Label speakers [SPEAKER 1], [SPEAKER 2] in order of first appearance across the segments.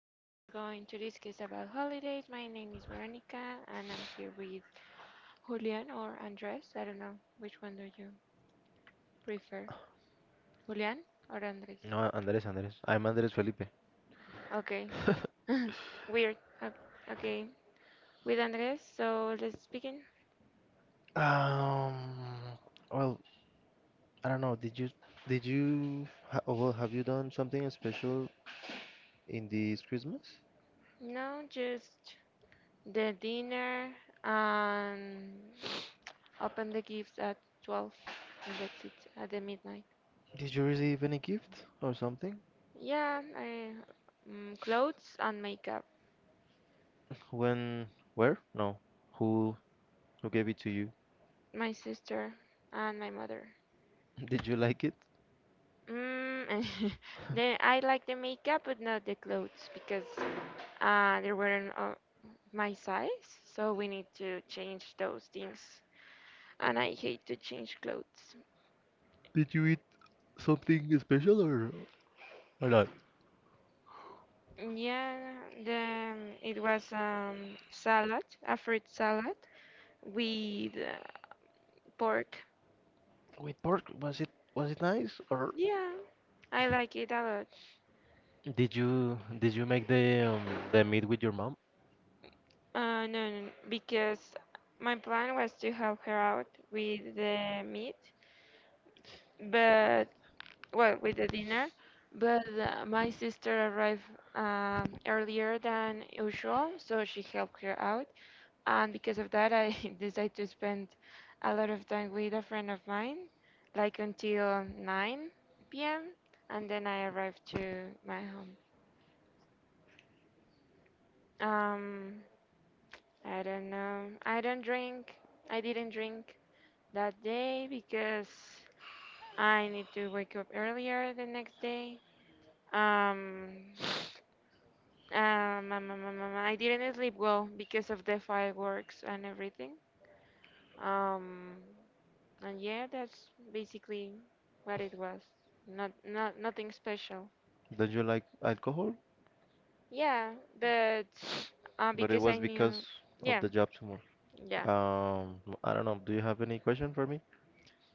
[SPEAKER 1] Today we're going to discuss about holidays. My name is Veronica and I'm here with Julian or Andres. I don't know which one do you prefer, Julian or Andres?
[SPEAKER 2] No, Andres, Andres. I'm Andres Felipe.
[SPEAKER 1] Okay, weird. Okay, with Andres. So let's begin.
[SPEAKER 2] Um, well, I don't know. Did you ha Oh, well, have you done something special in this Christmas?
[SPEAKER 1] No, just the dinner and open the gifts at 12, and that's it, at the midnight.
[SPEAKER 2] Did you receive any gift or something?
[SPEAKER 1] Yeah, clothes and makeup.
[SPEAKER 2] When? Where? No. Who who gave it to you?
[SPEAKER 1] My sister and my mother.
[SPEAKER 2] Did you like it?
[SPEAKER 1] Mm, I like the makeup, but not the clothes because they weren't my size. So we need to change those things. And I hate to change clothes.
[SPEAKER 2] Did you eat something special, or not?
[SPEAKER 1] Yeah, it was salad, a fruit salad with pork.
[SPEAKER 2] With pork, was it nice or
[SPEAKER 1] Yeah, I like it a lot.
[SPEAKER 2] did you make the meat with your mom?
[SPEAKER 1] No, because my plan was to help her out with the meat, but, well, with the dinner. But my sister arrived earlier than usual, so she helped her out. And because of that, I decided to spend a lot of time with a friend of mine, like until 9 p.m., and then I arrived to my home. Um, I don't know. I don't drink. I didn't drink that day because I need to wake up earlier the next day. Um, I didn't sleep well because of the fireworks and everything. Um, and yeah, that's basically what it was. Nothing special.
[SPEAKER 2] Did you like alcohol?
[SPEAKER 1] Yeah, but
[SPEAKER 2] It
[SPEAKER 1] because
[SPEAKER 2] was
[SPEAKER 1] I
[SPEAKER 2] because
[SPEAKER 1] knew. Yeah,
[SPEAKER 2] the job tomorrow.
[SPEAKER 1] yeah.
[SPEAKER 2] I don't know. Do you have any question for me?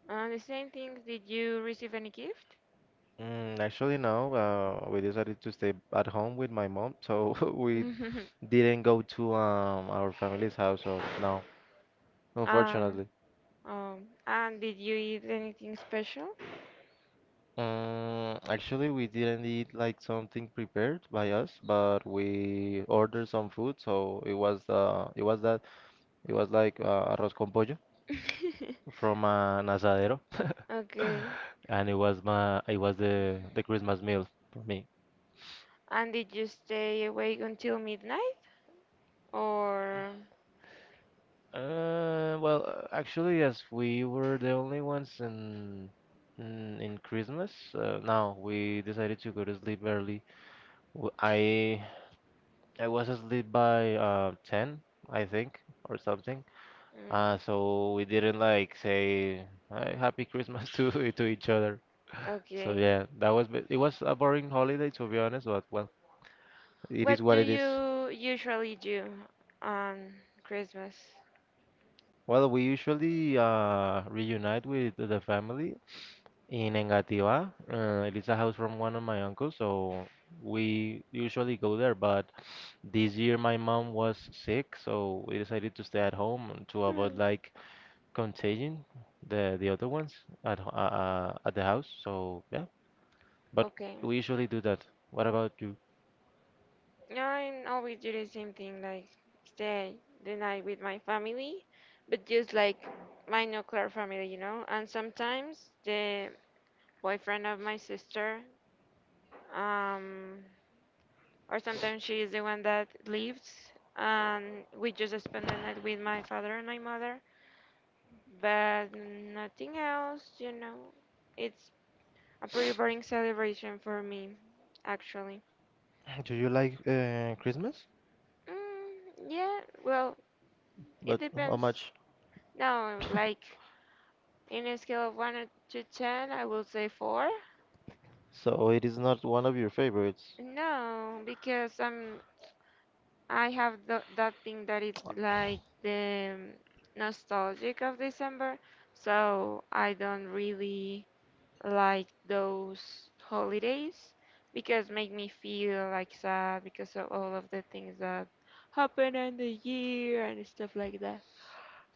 [SPEAKER 1] The same things. Did you receive any gift?
[SPEAKER 2] Mm, actually, no. We decided to stay at home with my mom, so we didn't go to our family's house. So no,
[SPEAKER 1] Uh,
[SPEAKER 2] unfortunately.
[SPEAKER 1] um, and did you eat anything special?
[SPEAKER 2] Actually, we didn't eat like something prepared by us, but we ordered some food. So it was that it was like arroz con pollo from an asadero,
[SPEAKER 1] Okay.
[SPEAKER 2] and it was the Christmas meal for me.
[SPEAKER 1] And did you stay awake until midnight? Or.
[SPEAKER 2] Well, actually, yes, we were the only ones in Christmas. Now we decided to go to sleep early. W- I I was asleep by 10, I think, or something.
[SPEAKER 1] Mm,
[SPEAKER 2] So we didn't like say "Hi, Happy Christmas," to each other. So
[SPEAKER 1] okay.
[SPEAKER 2] yeah, it was a boring holiday, to be honest, but well, it is
[SPEAKER 1] What
[SPEAKER 2] what.
[SPEAKER 1] do you usually do on Christmas?
[SPEAKER 2] Well, we usually reunite with the family in Engativá. It is a house from one of my uncles, so we usually go there. But this year my mom was sick, so we decided to stay at home to avoid,
[SPEAKER 1] Hmm.
[SPEAKER 2] like, contagion the other ones at the house. So yeah, but
[SPEAKER 1] Okay.
[SPEAKER 2] we usually do that. What about you?
[SPEAKER 1] No, I always do the same thing, like stay the night with my family, but just like my nuclear family, you know? And sometimes the boyfriend of my sister, um, or sometimes she is the one that leaves and we just spend the night with my father and my mother, but nothing else, you know. It's a pretty boring celebration for me, actually.
[SPEAKER 2] Do you like Christmas?
[SPEAKER 1] Mm, yeah, well, it
[SPEAKER 2] But how
[SPEAKER 1] depends.
[SPEAKER 2] much?
[SPEAKER 1] No, like, in a scale of 1 to 10 I will say 4.
[SPEAKER 2] So it is not one of your favorites.
[SPEAKER 1] No, because I have th that thing that it's like the nostalgic of December, so I don't really like those holidays because make me feel like sad because of all of the things that happen in the year and stuff like that.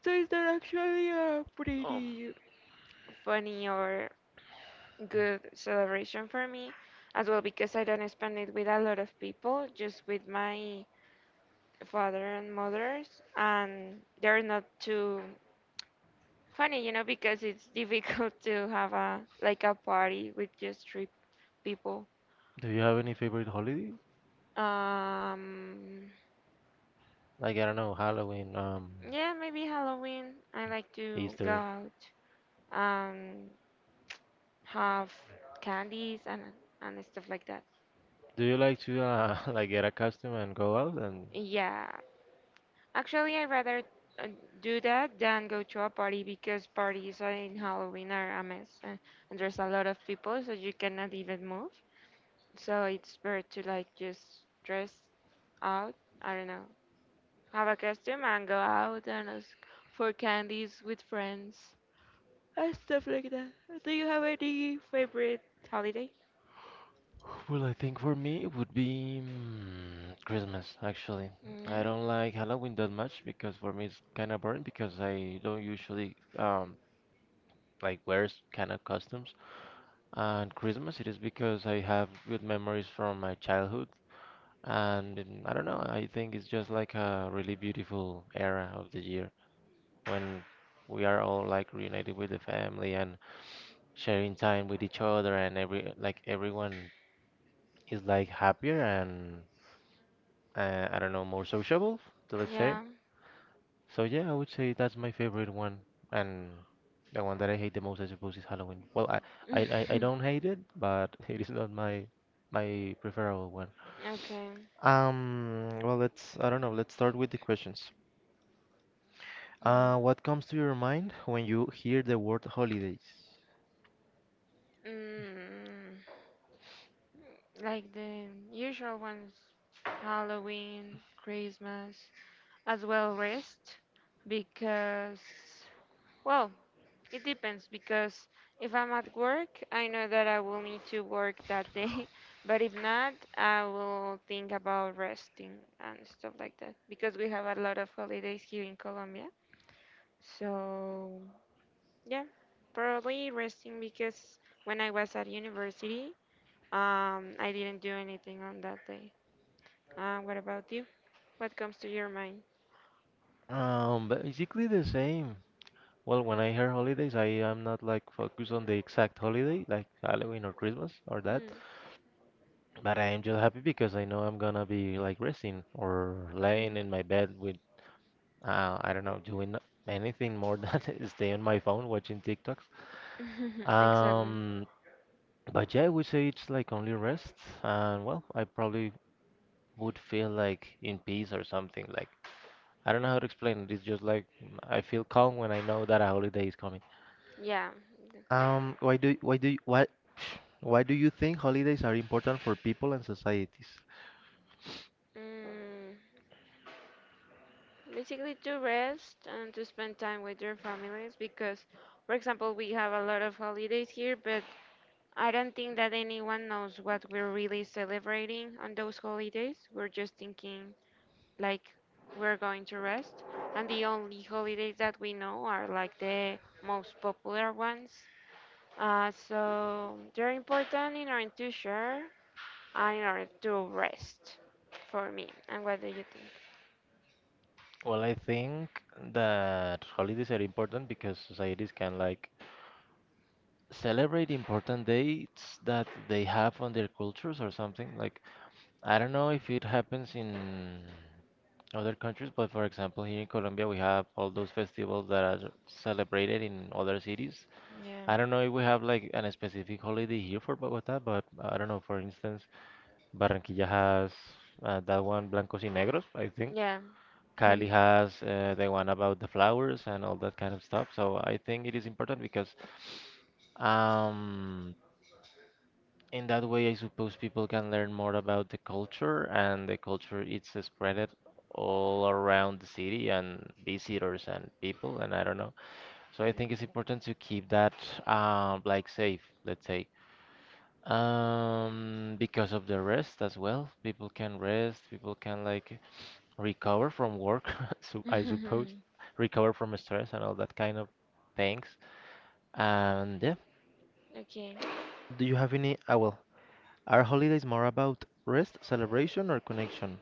[SPEAKER 1] So it's not actually a
[SPEAKER 2] Um,
[SPEAKER 1] pretty funny or good celebration for me as well because I don't spend it with a lot of people, just with my father and mothers and they're not too funny, you know, because it's difficult to have a like a party with just three people.
[SPEAKER 2] Do you have any favorite holiday?
[SPEAKER 1] Um,
[SPEAKER 2] Like, I don't know, Halloween,
[SPEAKER 1] yeah, maybe Halloween. I like to go
[SPEAKER 2] Easter.
[SPEAKER 1] out and have candies and stuff like that.
[SPEAKER 2] Do you like to like get a costume and go out? And
[SPEAKER 1] Yeah, actually I rather uh, do that than go to a party because parties in Halloween are a mess, and there's a lot of people so you cannot even move. So it's better to like just dress out. I don't know. Have a costume and go out and ask for candies with friends and stuff like that. Do you have any favorite holiday?
[SPEAKER 2] well, I think for me it would be Christmas, actually. I
[SPEAKER 1] Yeah.
[SPEAKER 2] don't like Halloween that much because for me it's kind of boring because I don't usually like wear kind of costumes. And Christmas it is because I have good memories from my childhood. And I don't know, I think it's just like a really beautiful era of the year when we are all like reunited with the family and sharing time with each other, and every like everyone is like happier and I don't know, more sociable, so let's say.
[SPEAKER 1] Yeah.
[SPEAKER 2] So yeah, I would say that's my favorite one, and the one that I hate the most, I suppose, is Halloween. Well, I don't hate it, but it is not my preferable one.
[SPEAKER 1] Okay.
[SPEAKER 2] Well, let's I don't know, let's start with the questions. What comes to your mind when you
[SPEAKER 1] Mm.
[SPEAKER 2] hear the word holidays?
[SPEAKER 1] Mm, like the usual ones, Halloween, Christmas, as well rest, because, well, it depends because if I'm at work, I know that I will need to work that day. But if not, I will think about resting and stuff like that because we have a lot of holidays here in Colombia. So, yeah, probably resting because when I was at university, I didn't do anything on that day. What about you? What comes to your mind?
[SPEAKER 2] Basically, the same. Well, when I hear holidays, I am not like focused on the exact holiday, like Halloween or Christmas or that.
[SPEAKER 1] Hmm.
[SPEAKER 2] But I am just happy because I know I'm gonna be like resting or
[SPEAKER 1] Mhm.
[SPEAKER 2] laying in my bed with, I don't know, doing anything more than stay on my phone watching TikToks.
[SPEAKER 1] Exactly.
[SPEAKER 2] Um, but yeah, I would say it's like only rest, and well, I probably would feel like in peace or something. Like, I don't know how to explain it. It's just like, I feel calm when I know that a holiday is coming.
[SPEAKER 1] Yeah.
[SPEAKER 2] Why do why do why Why do you think holidays are important for people and societies?
[SPEAKER 1] Mm. Basically to rest and to spend time with your families because, for example, we have a lot of holidays here, but I don't think that anyone knows what we're really celebrating on those holidays. We're just thinking, like, we're going to rest. And the only holidays that we know are like the most popular ones. Uh, so they're important in order to share and in order to rest for me. And what do you think?
[SPEAKER 2] Well, I think that holidays are important because societies can like celebrate important dates that they have on their cultures or something. Like, I don't know if it happens in other countries, but for example, here in Colombia, we have all those festivals that are celebrated in other cities.
[SPEAKER 1] Yeah.
[SPEAKER 2] I don't know if we have like an specific holiday here for Bogota, but I don't know, for instance. Barranquilla has that one, Blancos y Negros, I think.
[SPEAKER 1] Yeah.
[SPEAKER 2] Cali has the one about the flowers and all that kind of stuff. So I think it is important because, um, in that way, I suppose people can learn more about the culture, and the culture it's spread all around the city and visitors and people, and I don't know. So I think it's important to keep that, like, safe, let's say. Because of the rest as well, people can rest, people can like recover from work, so, I suppose, recover from stress and all that kind of things. And yeah,
[SPEAKER 1] Okay.
[SPEAKER 2] do you have any? Ah, well, are holidays more about rest, celebration, or connection?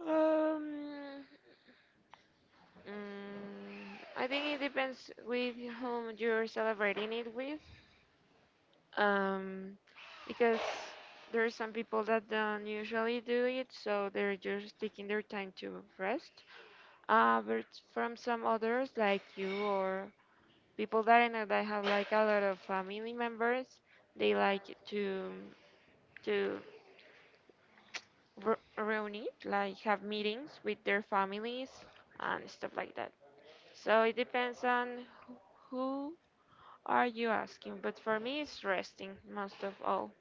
[SPEAKER 1] Um, mm, I think it depends with whom you're celebrating it with. Um, because there are some people that don't usually do it, so they're just taking their time to rest. But from some others, like you, or people that I know that have like a lot of family members, they like to to reunite, like have meetings with their families and stuff like that. So it depends on who are you asking, but for me it's resting most of all.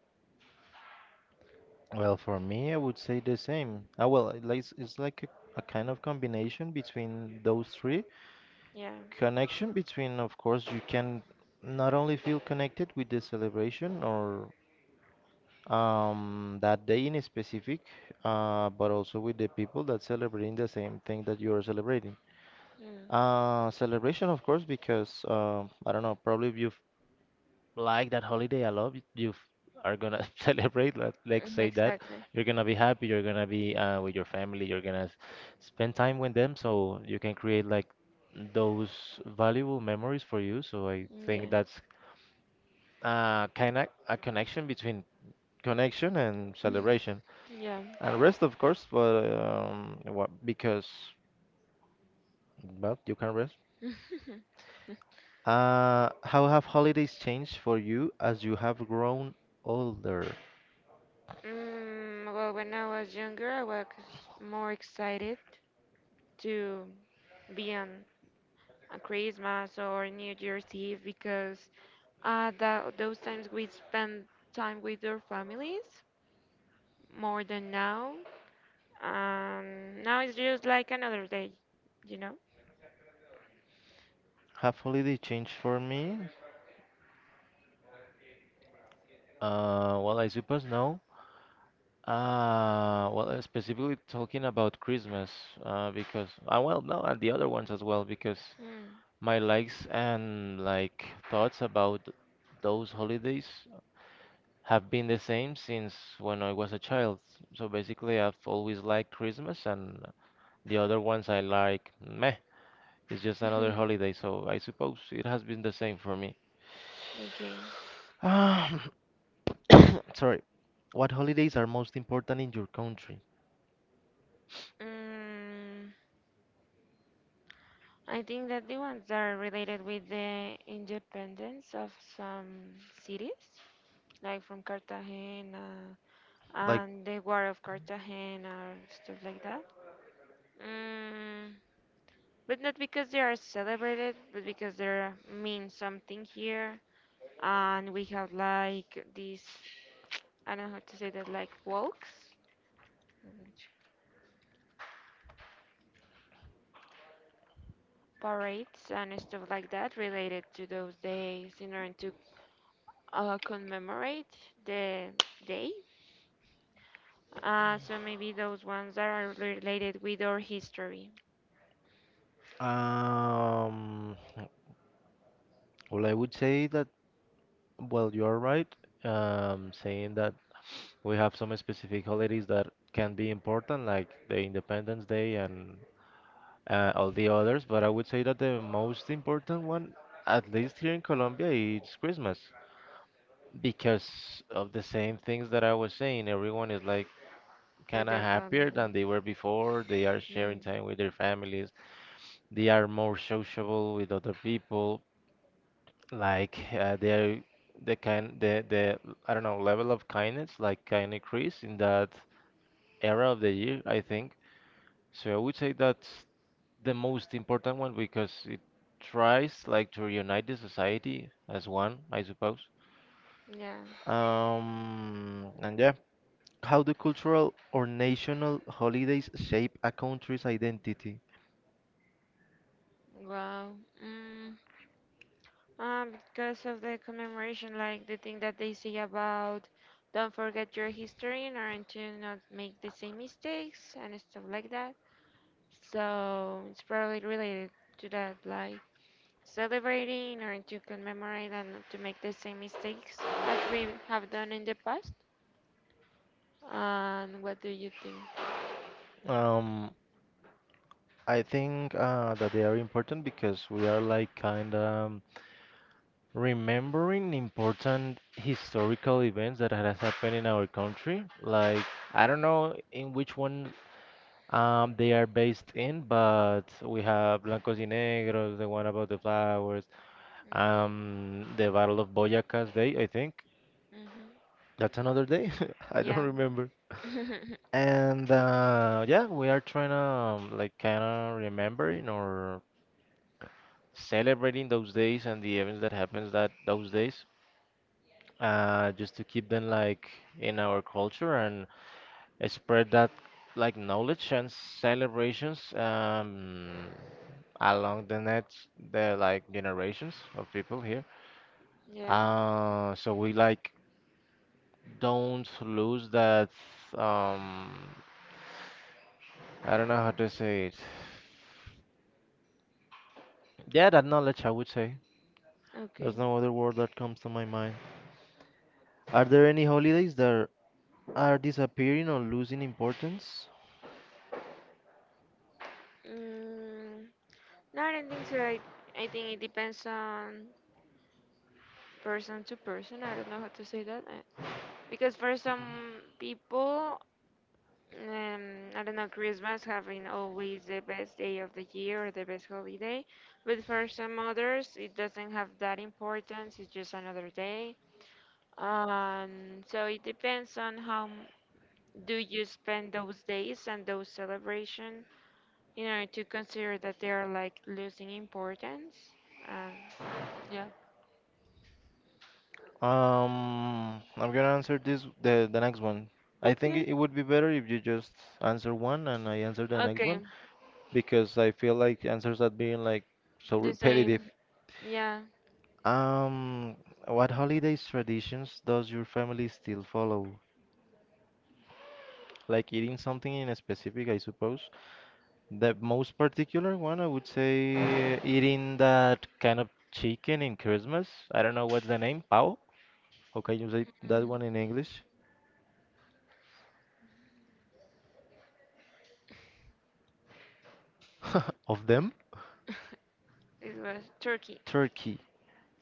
[SPEAKER 2] Well, for me, I would say the same. Ah, well, it's like a kind of combination between those three.
[SPEAKER 1] Yeah.
[SPEAKER 2] Connection between, of course, you can not only feel connected with the celebration or that day in specific, but also with the people that celebrating the same thing that you are celebrating.
[SPEAKER 1] Mm.
[SPEAKER 2] Celebration, of course, because I don't know, probably you like that holiday a lot, are gonna celebrate. Let's
[SPEAKER 1] Mm,
[SPEAKER 2] say that
[SPEAKER 1] exactly.
[SPEAKER 2] you're gonna be happy, you're gonna be with your family, you're gonna spend time with them, so you can create like those valuable memories for you. So I think
[SPEAKER 1] Yeah.
[SPEAKER 2] that's kind of a connection between connection and celebration.
[SPEAKER 1] Yeah.
[SPEAKER 2] And rest, of course. But what, because, well, you can rest. How have holidays changed for you as you have grown older?
[SPEAKER 1] Mm, well, when I was younger, I was more excited to be on Christmas or New Year's Eve because that those times we spend time with our families more than now. Now it's just like another day, you know?
[SPEAKER 2] Have holiday changed for me? Well, I suppose no. Well, specifically talking about Christmas. Because, well, no, and the other ones as well, because my likes and, like, thoughts about those holidays have been the same since when I was a child. So basically, I've always liked Christmas, and the other ones I like, meh, it's just another holiday. So I suppose it has been the same for me.
[SPEAKER 1] Okay.
[SPEAKER 2] Um, Sorry. What holidays are most important in your country?
[SPEAKER 1] Mm, I think that the ones that are related with the independence of some cities, like from Cartagena and the War of Cartagena or stuff like that. Mm, but not because they are celebrated, but because they mean something here. And we have like these, I don't know how to say that, like walks, which parades and stuff like that related to those days in order to commemorate the day. So maybe those ones that are related with our history,
[SPEAKER 2] Um, well, I would say that, well, you are right, saying that we have some specific holidays that can be important, like the Independence Day and all the others, but I would say that the most important one, at least here in Colombia, is Christmas because of the same things that I was saying. Everyone is like
[SPEAKER 1] with
[SPEAKER 2] kind of
[SPEAKER 1] their family.
[SPEAKER 2] happier than they were before. They are sharing
[SPEAKER 1] Mm,
[SPEAKER 2] time with their families. They are more sociable with other people. Like, they're the kind the I don't know, level of kindness, like, kind of increase in that era of the year, I think. So I would say that the most important one, because it tries like to reunite the society as one, I suppose.
[SPEAKER 1] yeah.
[SPEAKER 2] And yeah, how do cultural or national holidays shape a country's identity?
[SPEAKER 1] Wow. Mm. Because of the commemoration, like the thing that they say about don't forget your history in order to not make the same mistakes and stuff like that. So it's probably related to that, like celebrating in order to commemorate and not to make the same mistakes as we have done in the past. And what do you think?
[SPEAKER 2] Um, I think that they are important because we are like kind of remembering important historical events that has happened in our country. Like, I don't know in which one they are based in, but we have Blancos y Negros, the one about the flowers,
[SPEAKER 1] Mm,
[SPEAKER 2] the Battle of Boyaca's Day, I think. That's another day. I don't
[SPEAKER 1] yeah.
[SPEAKER 2] remember.
[SPEAKER 1] Mm-hmm. Yeah.
[SPEAKER 2] And yeah, we are trying to, like, kind of remembering or celebrating those days and the events that happens that those days, just to keep them like in our culture, and spread that, like, knowledge and celebrations, along the generations of people here.
[SPEAKER 1] Yeah.
[SPEAKER 2] So we, like, don't lose that. um, I don't know how to say it. Yeah, that knowledge, I would say. There's
[SPEAKER 1] Okay.
[SPEAKER 2] no other word that comes to my mind. Are there any holidays that are disappearing or losing importance?
[SPEAKER 1] Mm, no, I don't think so. I think it depends on person to person. I don't know how to say that, because for some people, um, I don't know, Christmas having always the best day of the year or the best holiday, but for some others, it doesn't have that importance. It's just another day. So it depends on how do you spend those days and those celebration in order to consider that they are like losing importance. Um, yeah.
[SPEAKER 2] I'm gonna answer this the next one. I think
[SPEAKER 1] Okay.
[SPEAKER 2] it would be better if you just answer one and I answer the next
[SPEAKER 1] Okay.
[SPEAKER 2] one, because I feel like answers are being, like, so
[SPEAKER 1] The
[SPEAKER 2] repetitive.
[SPEAKER 1] same. Yeah.
[SPEAKER 2] Um, what holidays traditions does your family still follow? Like eating something in a specific, I suppose. The most particular one, I would say, eating that kind of chicken in Christmas. I don't know what's the name. Pao? How can you say that
[SPEAKER 1] Mm-hmm.
[SPEAKER 2] one in English? Of them?
[SPEAKER 1] It was Turkey.
[SPEAKER 2] Turkey.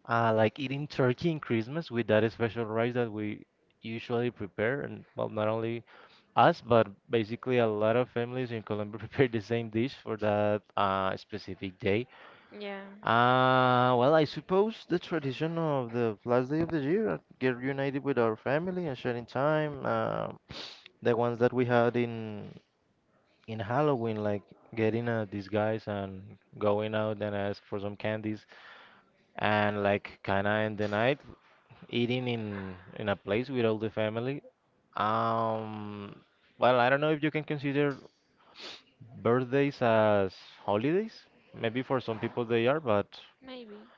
[SPEAKER 2] Like eating turkey in Christmas with that special rice that we usually prepare, and well, not only us, but basically a lot of families in Colombia prepare the same dish for that specific day.
[SPEAKER 1] Yeah,
[SPEAKER 2] Well, I suppose the tradition of the last day of the year, get reunited with our family and sharing time. The ones that we had in Halloween, like getting a disguise and going out and ask for some candies and like kind of end the night. Eating in a place with all the family. Um, well, I don't know if you can consider birthdays as holidays. Maybe for some people they are, but
[SPEAKER 1] maybe.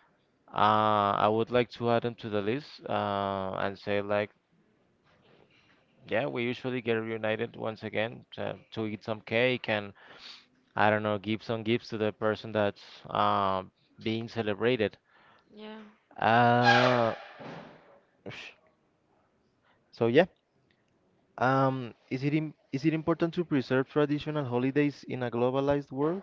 [SPEAKER 2] I would like to add them to the list and say like, yeah, we usually get reunited once again to eat some cake and I don't know, give some gifts to the person that's uh, being celebrated.
[SPEAKER 1] Yeah.
[SPEAKER 2] Uh, sh- so yeah. Is it im is it important to preserve traditional holidays in a globalized world?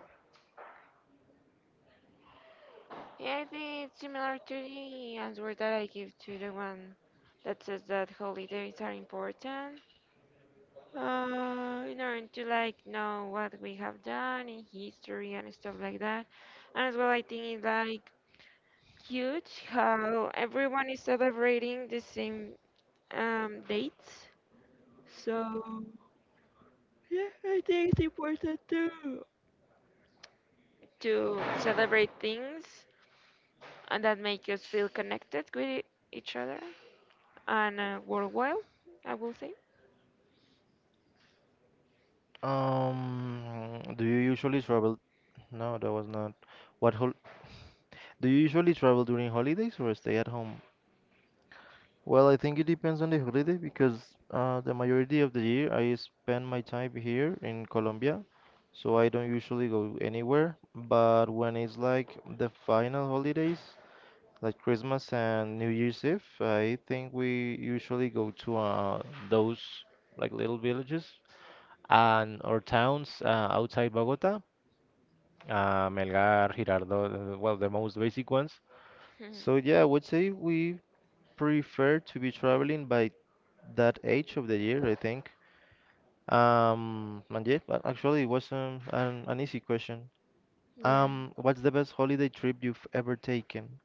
[SPEAKER 1] Yeah, I think it's similar to the answer that I give to the one that says that holidays are important. In order to like know what we have done in history and stuff like that. And as well, I think it's like cute how everyone is celebrating the same dates. So yeah, I think it's important too to celebrate things and that make us feel connected with each other and, worthwhile, I will say.
[SPEAKER 2] Do you usually travel? No, that was not. What hol Do you usually travel during holidays or stay at home? Well, I think it depends on the holiday because the majority of the year I spend my time here in Colombia, so I don't usually go anywhere. But when it's like the final holidays, like Christmas and New Year's Eve, I think we usually go to those like little villages and or towns outside Bogota, Melgar, Girardot, well, the most basic ones. So yeah, I would say we prefer to be traveling by that age of the year, I think. And yeah, but actually, it was an easy question.
[SPEAKER 1] Yeah.
[SPEAKER 2] What's the best holiday trip you've ever taken?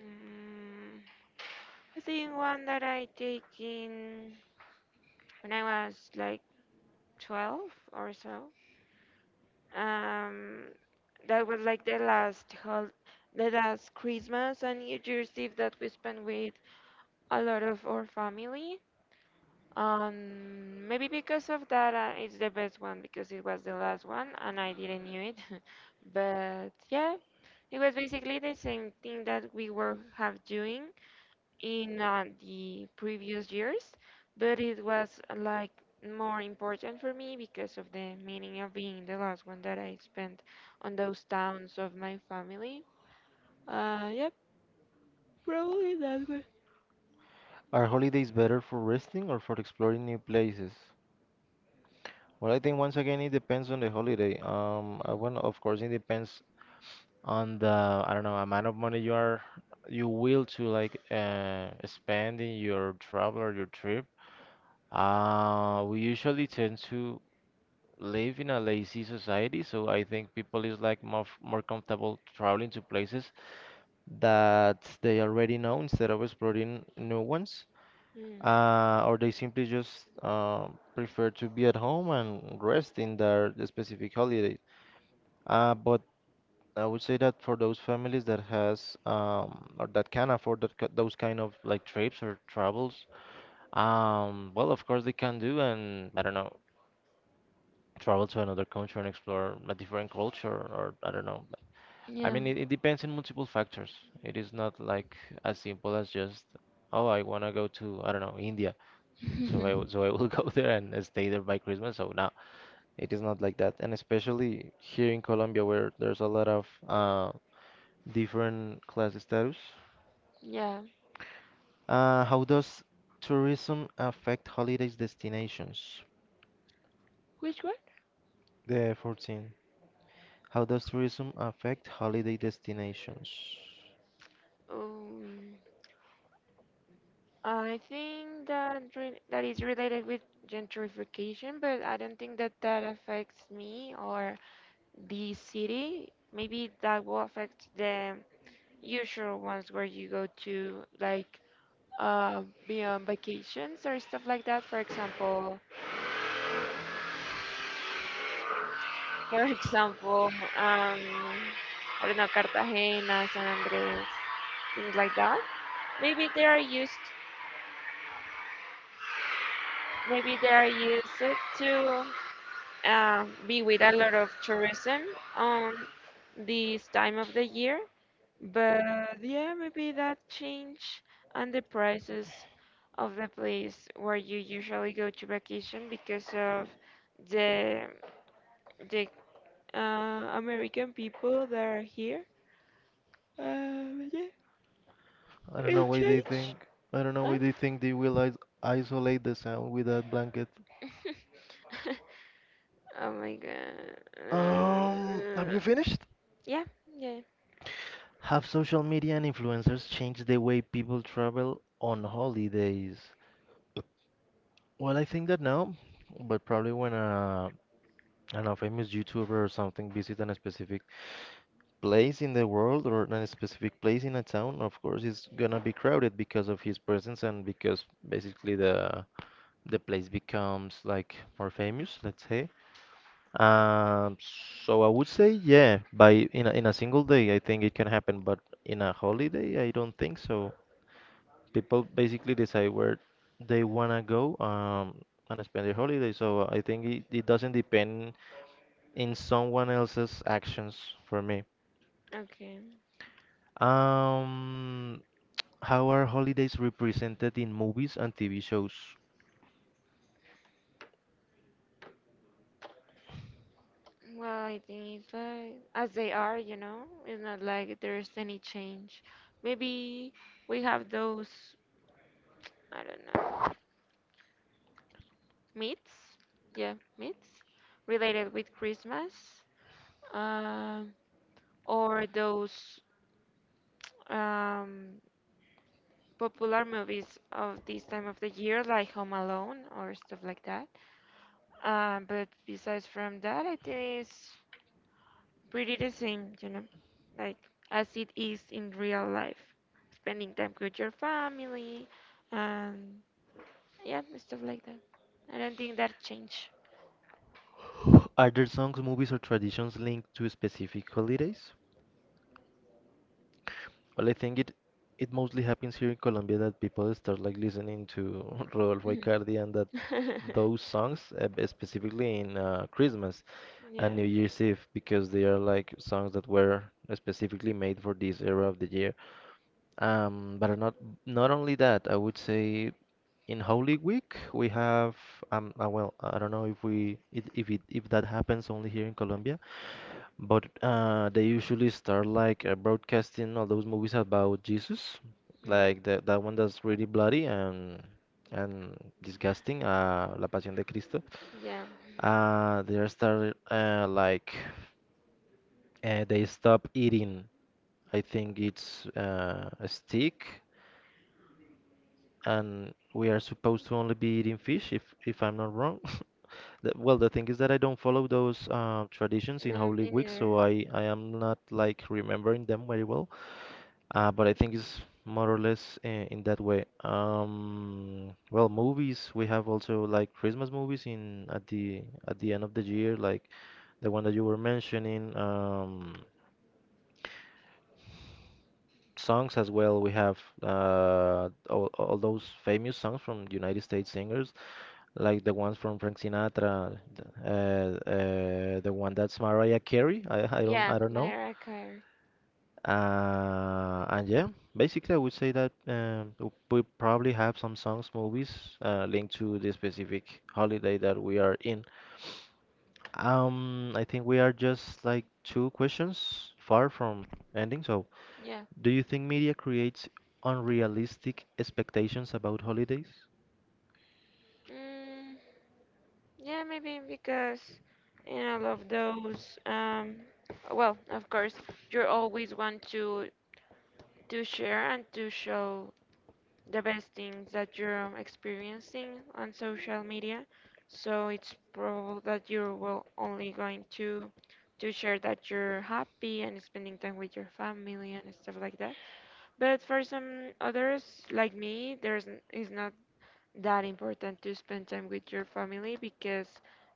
[SPEAKER 1] Mm, I think one that I take in when I was like 12 or so. Um, that was like the the last Christmas and New Year's Eve that we spent with a lot of our family. Maybe because of that, it's the best one because it was the last one and I didn't knew it. But yeah, it was basically the same thing that we were have doing in, the previous years, but it was, like more important for me because of the meaning of being the last one that I spent on those towns of my family. Yeah, probably that one.
[SPEAKER 2] Are holidays better for resting or for exploring new places? Well, I think once again it depends on the holiday. Well, of course it depends on the I don't know amount of money you are you will to like spend in your travel or your trip. We usually tend to live in a lazy society, so I think people is like more comfortable traveling to places that they already know instead of exploring new ones.
[SPEAKER 1] Mm,
[SPEAKER 2] Or they simply just prefer to be at home and rest in their specific holidays. But I would say that for those families that has or that can afford that, those kind of like trips or travels, well, of course they can do and I don't know, travel to another country and explore a different culture or I don't know. I
[SPEAKER 1] yeah,
[SPEAKER 2] mean, it depends on multiple factors. It is not like as simple as just, oh, I want to go to I don't know India, so I will go there and stay there by Christmas. So no, it is not like that, and especially here in Colombia where there's a lot of different class status.
[SPEAKER 1] yeah.
[SPEAKER 2] How does tourism affect holidays destinations?
[SPEAKER 1] Which one?
[SPEAKER 2] The 14. How does tourism affect holiday destinations?
[SPEAKER 1] Um, I think that re that is related with gentrification, but I don't think that that affects me or the city. Maybe that will affect the usual ones where you go to like uh, be on vacations or stuff like that. For example, for example, um, I don't know, Cartagena, San Andres, things like that. Maybe they are used, maybe they are used to be with a lot of tourism on this time of the year. But yeah, maybe that change, and the prices of the place where you usually go to vacation because of the the uh, American people that are here. Yeah,
[SPEAKER 2] I don't know
[SPEAKER 1] it
[SPEAKER 2] why they
[SPEAKER 1] changed.
[SPEAKER 2] think. I don't know why
[SPEAKER 1] Um,
[SPEAKER 2] they think they will is isolate the sound with that blanket.
[SPEAKER 1] oh my god.
[SPEAKER 2] Have you finished?
[SPEAKER 1] Yeah, yeah.
[SPEAKER 2] Have social media and influencers changed the way people travel on holidays? Well, I think that no, but probably when I don't know, famous YouTuber or something visits a specific place in the world or in a specific place in a town, of course, is gonna be crowded because of his presence and because basically the place becomes like more famous, let's say. Um, so I would say yeah, by in a single day, I think it can happen, but in a holiday, I don't think so. People basically decide where they wanna go and spend their holiday, so I think it doesn't depend in someone else's actions for me.
[SPEAKER 1] Okay.
[SPEAKER 2] Um, How are holidays represented in movies and TV shows?
[SPEAKER 1] Well, I think it's like as they are, you know. It's not like there's any change. Maybe we have those. I don't know. Myths? Yeah, myths related with Christmas. Um, or those, um, popular movies of this time of the year, like Home Alone or stuff like that. But besides from that, I think it's pretty the same, you know, like as it is in real life. Spending time with your family and yeah, stuff like that. I don't think that changed.
[SPEAKER 2] Are there songs, movies, or traditions linked to specific holidays? Well, I think it mostly happens here in Colombia that people start like listening to Rodolfo Icardi and that those songs, specifically in Christmas and
[SPEAKER 1] Yeah.
[SPEAKER 2] New Year's Eve, because they are like songs that were specifically made for this era of the year. But are not only that, I would say in Holy Week we have well I don't know if we if that happens only here in Colombia, but they usually start like broadcasting all those movies about Jesus,
[SPEAKER 1] Mm.
[SPEAKER 2] like that one that's really bloody and disgusting, La Pasión de Cristo.
[SPEAKER 1] Yeah,
[SPEAKER 2] They start they stop eating. I think it's a stick, and we are supposed to only be eating fish if I'm not wrong. Well, the thing is that I don't follow those traditions in
[SPEAKER 1] no,
[SPEAKER 2] Holy
[SPEAKER 1] me
[SPEAKER 2] Week,
[SPEAKER 1] neither.
[SPEAKER 2] so I am not like remembering them very well. But I think it's more or less in that way. Well, movies we have also like Christmas movies in at the end of the year, like the one that you were mentioning. Songs as well. We have all those famous songs from United States singers like the ones from Frank Sinatra, the one that's Mariah Carey.
[SPEAKER 1] Yeah,
[SPEAKER 2] Don't know.
[SPEAKER 1] Mariah Carey.
[SPEAKER 2] And yeah, basically, I would say that we probably have some songs, movies linked to the specific holiday that we are in. I think we are just like two questions far from ending. So,
[SPEAKER 1] Yeah.
[SPEAKER 2] do you think media creates unrealistic expectations about holidays?
[SPEAKER 1] Mm, yeah, maybe because in all of those, well, of course, you always want to share and to show the best things that you're, experiencing on social media. So it's probable that you will only going to share that you're happy and spending time with your family and stuff like that. But for some others, like me, there's it's not that important to spend time with your family because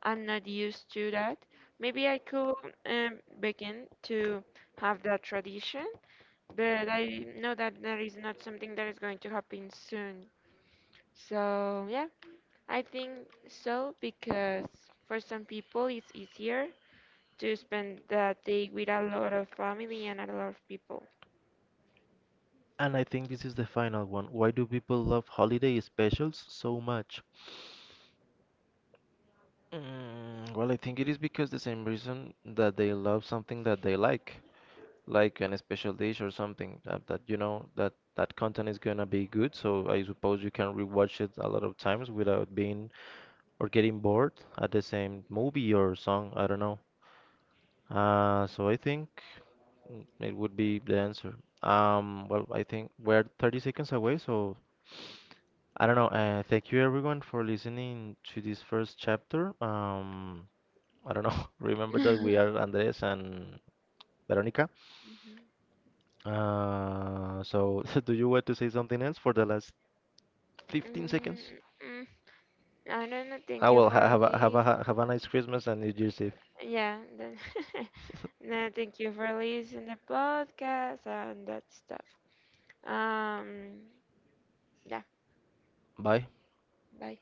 [SPEAKER 1] I'm not used to that. Maybe I could, begin to have that tradition, but I know that that is not something that is going to happen soon. So yeah, I think so because for some people it's easier to spend that day with a lot of family and a lot of people.
[SPEAKER 2] And I think this is the final one. Why do people love holiday specials so much? Mm, well, I think it is because the same reason that they love something that they like an special dish or something that you know that that content is gonna be good. So I suppose you can rewatch it a lot of times without being or getting bored at the same movie or song. I don't know. So I think mm, it would be the answer. Well, I think we're 30 seconds away, so I don't know. Thank you everyone for listening to this first chapter. I don't know. Remember that we are Andres and Veronica. So, do you want to say something else for the last 15 seconds?
[SPEAKER 1] Mhm. Mm, I don't know. Thank
[SPEAKER 2] I
[SPEAKER 1] you
[SPEAKER 2] will ha
[SPEAKER 1] for
[SPEAKER 2] have a, have
[SPEAKER 1] listening.
[SPEAKER 2] a, have a nice Christmas and New Year's Eve.
[SPEAKER 1] Yeah, then, no, thank you for listening the podcast and that stuff. Um, yeah,
[SPEAKER 2] Bye.
[SPEAKER 1] bye.